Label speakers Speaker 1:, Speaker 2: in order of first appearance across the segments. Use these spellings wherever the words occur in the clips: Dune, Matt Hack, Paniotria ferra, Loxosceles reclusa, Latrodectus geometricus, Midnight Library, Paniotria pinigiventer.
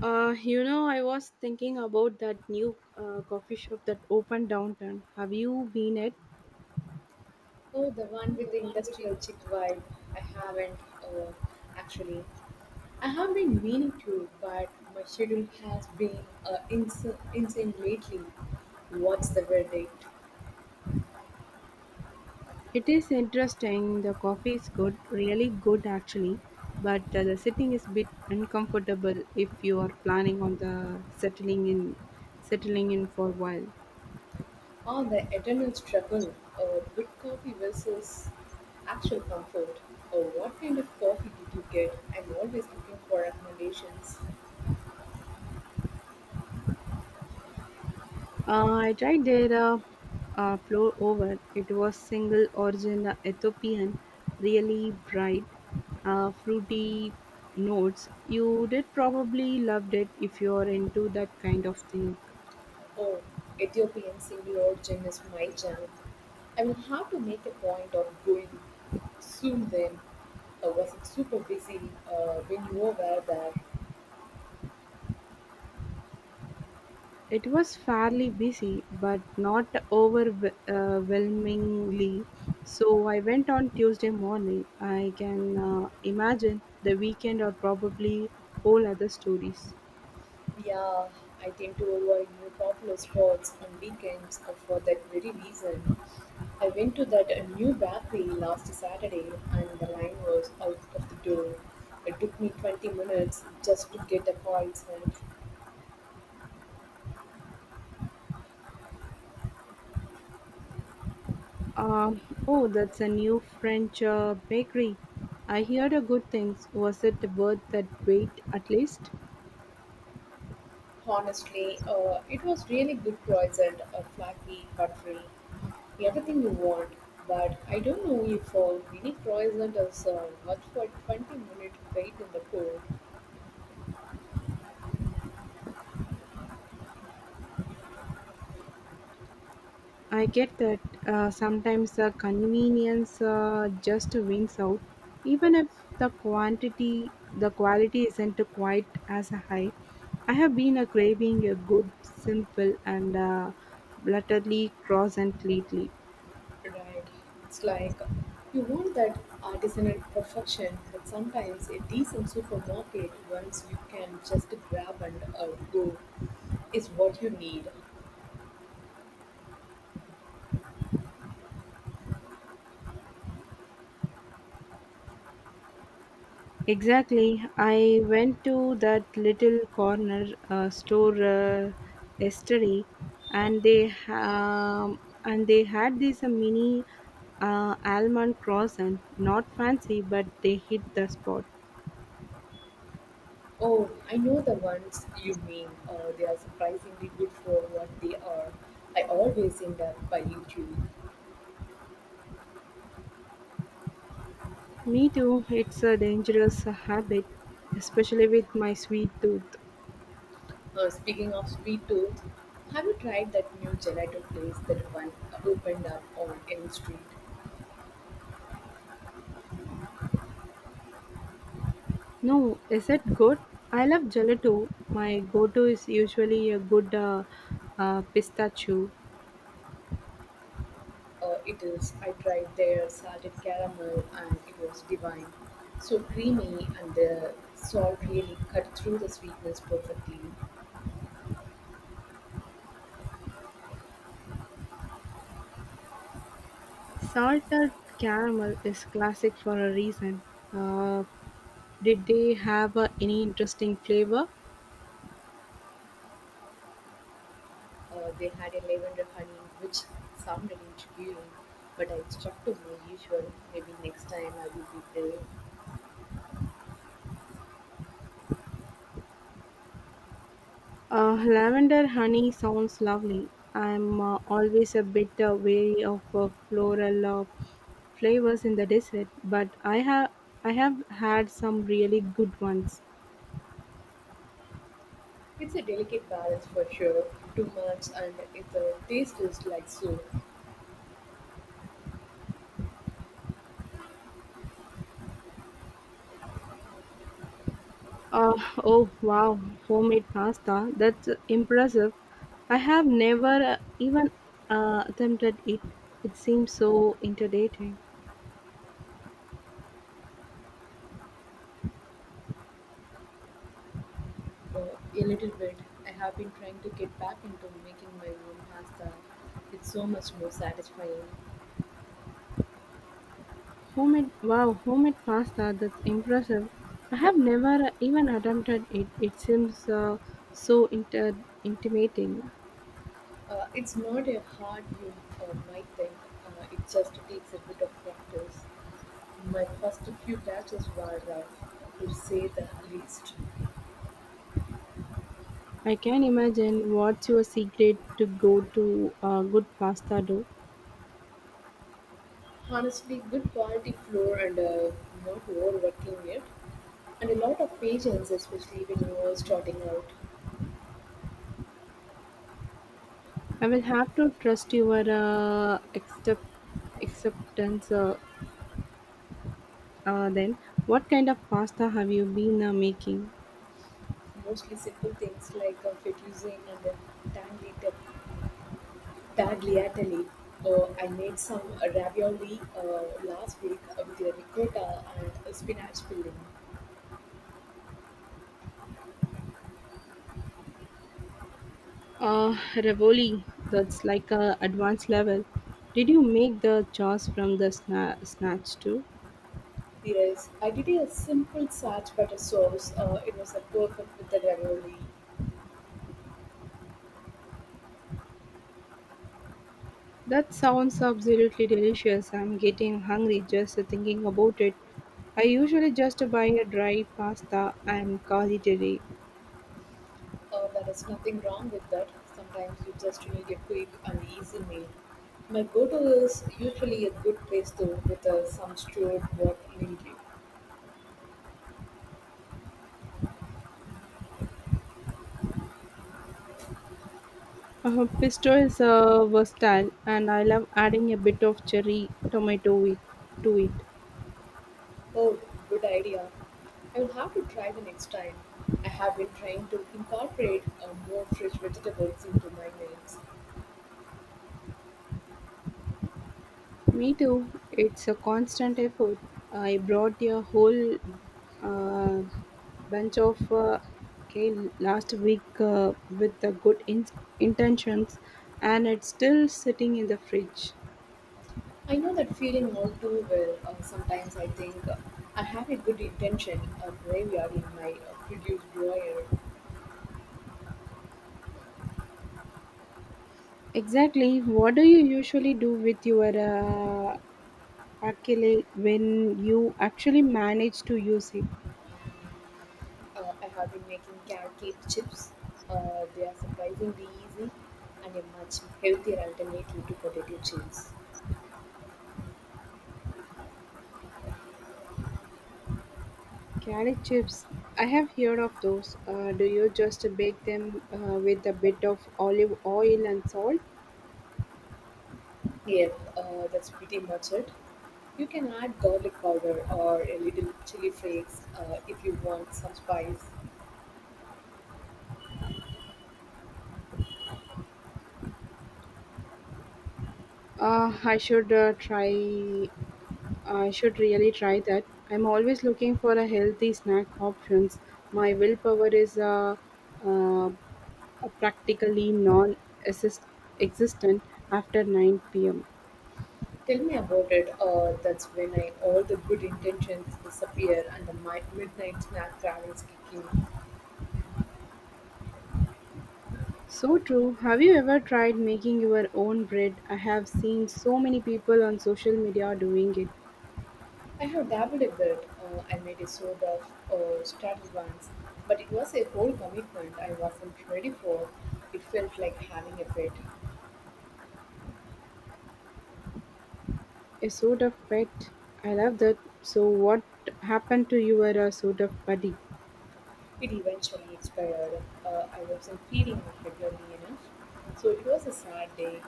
Speaker 1: I was thinking about that new coffee shop that opened downtown. Have you been it?
Speaker 2: Oh, the one with the industrial chick vibe. I haven't, uh, actually. I have been meaning to, but my schedule has been uh, ins- insane lately. What's the verdict?
Speaker 1: It is interesting. The coffee is good, really good actually, but the sitting is a bit uncomfortable if you are planning on the settling in for a while.
Speaker 2: On the eternal struggle of good coffee versus actual comfort. Or what kind of coffee did you get? I'm always looking for recommendations.
Speaker 1: I tried their floor over. It was single origin Ethiopian, really bright, fruity notes. You did probably loved it if you're into that kind of thing.
Speaker 2: Oh, Ethiopian single origin is my jam. I will have to make a point of going soon then. I was super busy when you were there?
Speaker 1: It was fairly busy, but not overwhelmingly. So I went on Tuesday morning. I can imagine the weekend or probably whole other stories.
Speaker 2: Yeah, I tend to avoid new popular spots on weekends, for that very reason. I went to that new bakery last Saturday and the line was out of the door. It took me 20 minutes just to get a croissant.
Speaker 1: Um, oh, that's a new French bakery. I heard a good things. Was it worth that wait at least?
Speaker 2: Honestly, it was really good croissant, flaky, buttery, everything you want, but I don't know if a mini croissant is worth for 20-minute wait in the cold,
Speaker 1: I get that sometimes convenience just wins out, even if the quality isn't quite as high. I have been craving a good, simple, and blatantly croissant lately.
Speaker 2: right? It's like you want that artisanal perfection, but sometimes a decent supermarket once you can just grab and go is what you need.
Speaker 1: Exactly. I went to that little corner store yesterday, and they um, and they had this mini almond croissant. Not fancy, but they hit the spot.
Speaker 2: Oh, I know the ones you mean. They are surprisingly good for what they are. I always end up buying two.
Speaker 1: Me too. It's a dangerous habit, especially with my sweet tooth.
Speaker 2: Speaking of sweet tooth, have you tried that new gelato place that one opened up on Elm Street?
Speaker 1: No, is it good? I love gelato. My go-to is usually a good pistachio.
Speaker 2: It is. I tried their salted caramel and it was divine. So creamy and the salt really cut through the sweetness perfectly.
Speaker 1: Salted caramel is classic for a reason. Uh, did they have any interesting flavor?
Speaker 2: They had a lavender honey which sounded intriguing, but I stuck to my usual. Maybe next time I will be brave.
Speaker 1: Lavender honey sounds lovely. I'm always a bit wary of floral flavors in the dessert, but I have had some really good ones.
Speaker 2: It's a delicate balance for sure. Too much and if the taste is like so.
Speaker 1: Oh wow, homemade pasta! That's impressive. I have never even attempted it. It seems so intimidating.
Speaker 2: Oh, a little bit. I have been trying to get back into making my own pasta. It's so much more satisfying.
Speaker 1: Homemade wow, homemade pasta, that's impressive. I have never even attempted it. It seems so intimidating.
Speaker 2: It's not a hard you might think. It just takes a bit of practice. My first few batches were rough, to say the least.
Speaker 1: I can imagine what's your secret to go to good pasta dough.
Speaker 2: Honestly, good quality flour and, not overworking it, and a lot of patience, especially when you are starting out.
Speaker 1: I will have to trust your acceptance then. What kind of pasta have you been making?
Speaker 2: Mostly simple things like fettuccine and tangy tagliatelle. I made some ravioli last week with ricotta and spinach filling.
Speaker 1: Revoli, that's like a advanced level. Did you make the chores from the snatch too?
Speaker 2: Yes, I did a simple sarch butter sauce. It was a perfect with the ravioli.
Speaker 1: That sounds absolutely delicious. I'm getting hungry just thinking about it. I usually just buy a dry pasta and call it a day.
Speaker 2: There is nothing wrong with that. Sometimes you just need a quick and easy meal. My go-to is usually a good place though with some stewed pork lately.
Speaker 1: Pesto is versatile, and I love adding a bit of to it.
Speaker 2: Oh, good idea. I'll have to try the next time. I have been trying to incorporate more fresh vegetables into my meals.
Speaker 1: Me too. It's a constant effort. I brought a whole uh, bunch of kale last week with the good intentions, and it's still sitting in the fridge.
Speaker 2: I know that feeling all too well. Sometimes I think I have a good intention, a graveyard in my produce drawer.
Speaker 1: Exactly. What do you usually do with your Akele when you actually manage to use it?
Speaker 2: I have been making carrot cake chips. They are surprisingly easy and a much healthier alternative to potato chips.
Speaker 1: Carrot chips. I have heard of those. Do you just bake them with a bit of olive oil and salt?
Speaker 2: Yep, that's pretty much it. You can add garlic powder or a little chili flakes if you want some spice.
Speaker 1: Uh, I should uh, try. I should really try that. I'm always looking for a healthy snack options. My willpower is uh, practically non-existent after 9 p.m.
Speaker 2: Tell me about it. That's when I, all the good intentions disappear and the midnight snack cravings kick in.
Speaker 1: So true. Have you ever tried making your own bread? I have seen so many people on social media doing it.
Speaker 2: I have dabbled a bit. I made a sort of starter once, but it was a whole commitment I wasn't ready for. It felt like having a pet.
Speaker 1: A sort of pet. I love that. So what happened to your sort of buddy?
Speaker 2: It eventually expired. I wasn't feeding it regularly enough, so it was a sad day.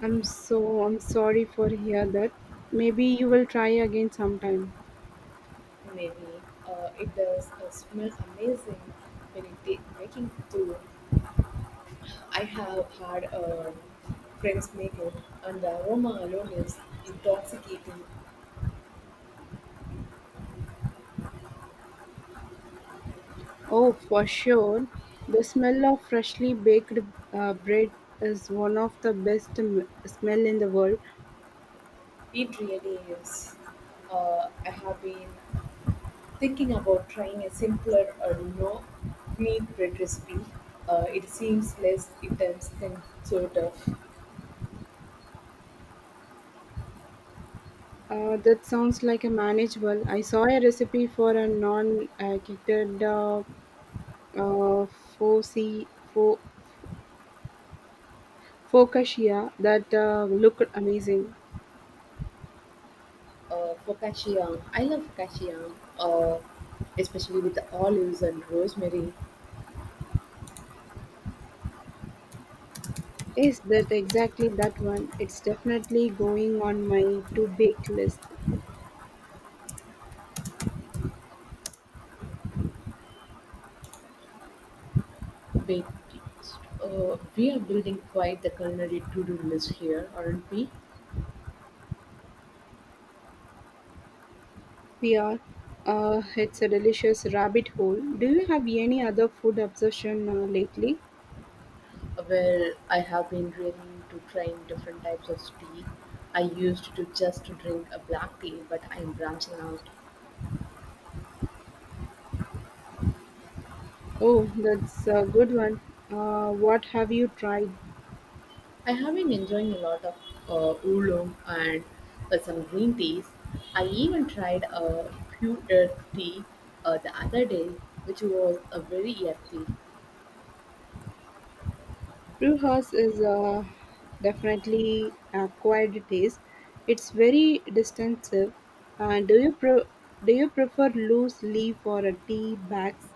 Speaker 1: I'm sorry for hear that. Maybe you will try again sometime.
Speaker 2: Maybe it does smell amazing when it did making too. I have had friends make it, and the aroma alone is intoxicating.
Speaker 1: Oh, for sure. The smell of freshly baked bread is one of the best smell in the world.
Speaker 2: It really is. I have been thinking about trying a simpler or no meat bread recipe. It seems less intense than sort of.
Speaker 1: That sounds like a manageable. I saw a recipe for a non kitted uh, foci- fo- focaccia that looked amazing.
Speaker 2: Focaccia. I love focaccia, uh, especially with the olives and rosemary.
Speaker 1: Is that exactly that one? It's definitely going on my to bake list.
Speaker 2: But we are building quite the culinary to-do list here, aren't we?
Speaker 1: We are. It's a delicious rabbit hole. Do you have any other food obsession lately?
Speaker 2: Well, I have been really to trying different types of tea. I used to just drink a black tea, but I'm branching out.
Speaker 1: Oh, that's a good one. What have you tried?
Speaker 2: I have been enjoying a lot of oolong and some green teas. I even tried a pure earth tea the other day, which was a very earthy.
Speaker 1: Brewhouse is a definitely acquired taste. It's very distinctive. Uh, do you pre- do you prefer loose leaf or a tea bags?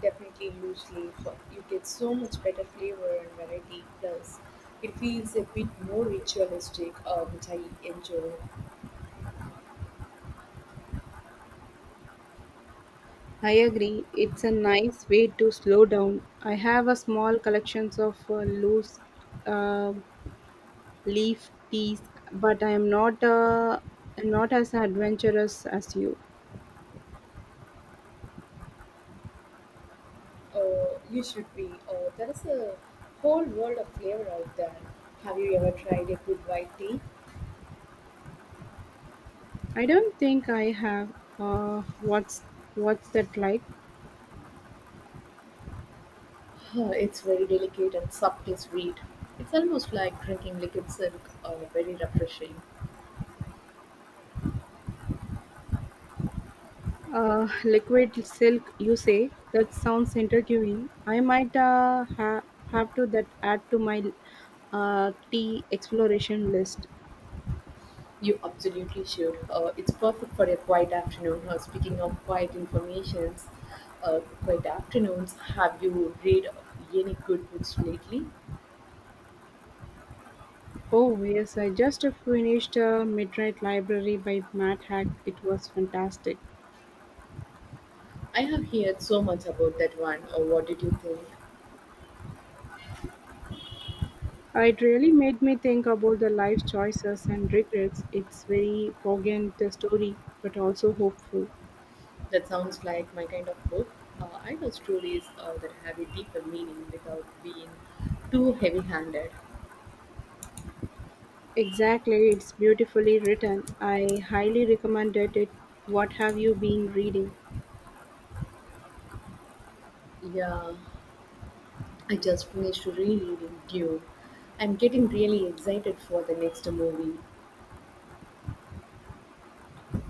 Speaker 2: Definitely loose leaf. You get so much better flavor and variety. Plus, it feels a bit more ritualistic, which I enjoy.
Speaker 1: I agree. It's a nice way to slow down. I have a small collections of loose uh, leaf teas, but I'm not as adventurous as you.
Speaker 2: You should be. There is a whole world of flavor out there. Have you ever tried a good white tea?
Speaker 1: I don't think I have. Uh, what's what's that like?
Speaker 2: It's very delicate and subtly sweet. It's almost like drinking liquid silk, very refreshing.
Speaker 1: Liquid silk, you say? That sounds intriguing. I might have to that add to my tea exploration list.
Speaker 2: You absolutely should. It's perfect for a quiet afternoon. Speaking of quiet afternoons, have you read any good books lately?
Speaker 1: Oh yes, I just finished Midnight Library by Matt Hack. It was fantastic.
Speaker 2: I have heard so much about that one. What did you think?
Speaker 1: It really made me think about the life choices and regrets. It's very poignant the story, but also hopeful.
Speaker 2: That sounds like my kind of book. I know stories that have a deeper meaning without being too heavy handed.
Speaker 1: Exactly, it's beautifully written. I highly recommended it. What have you been reading?
Speaker 2: Yeah, I just finished rereading Dune. I'm getting really excited for the next movie.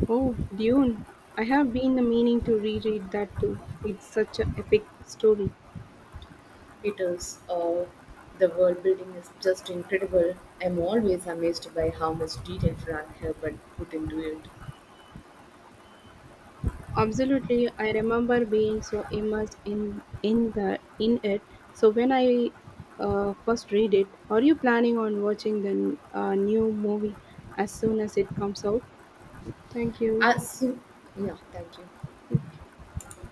Speaker 1: Oh, Dune. I have been meaning to reread that too. It's such an epic story.
Speaker 2: It is, the world building is just incredible. I'm always amazed by how much detail Frank Herbert put into it.
Speaker 1: Absolutely. I remember being so immersed in it. So when I first read it, are you planning on watching the new movie as soon as it comes out? Thank you.
Speaker 2: Uh, so, yeah, thank you.
Speaker 1: Thank you.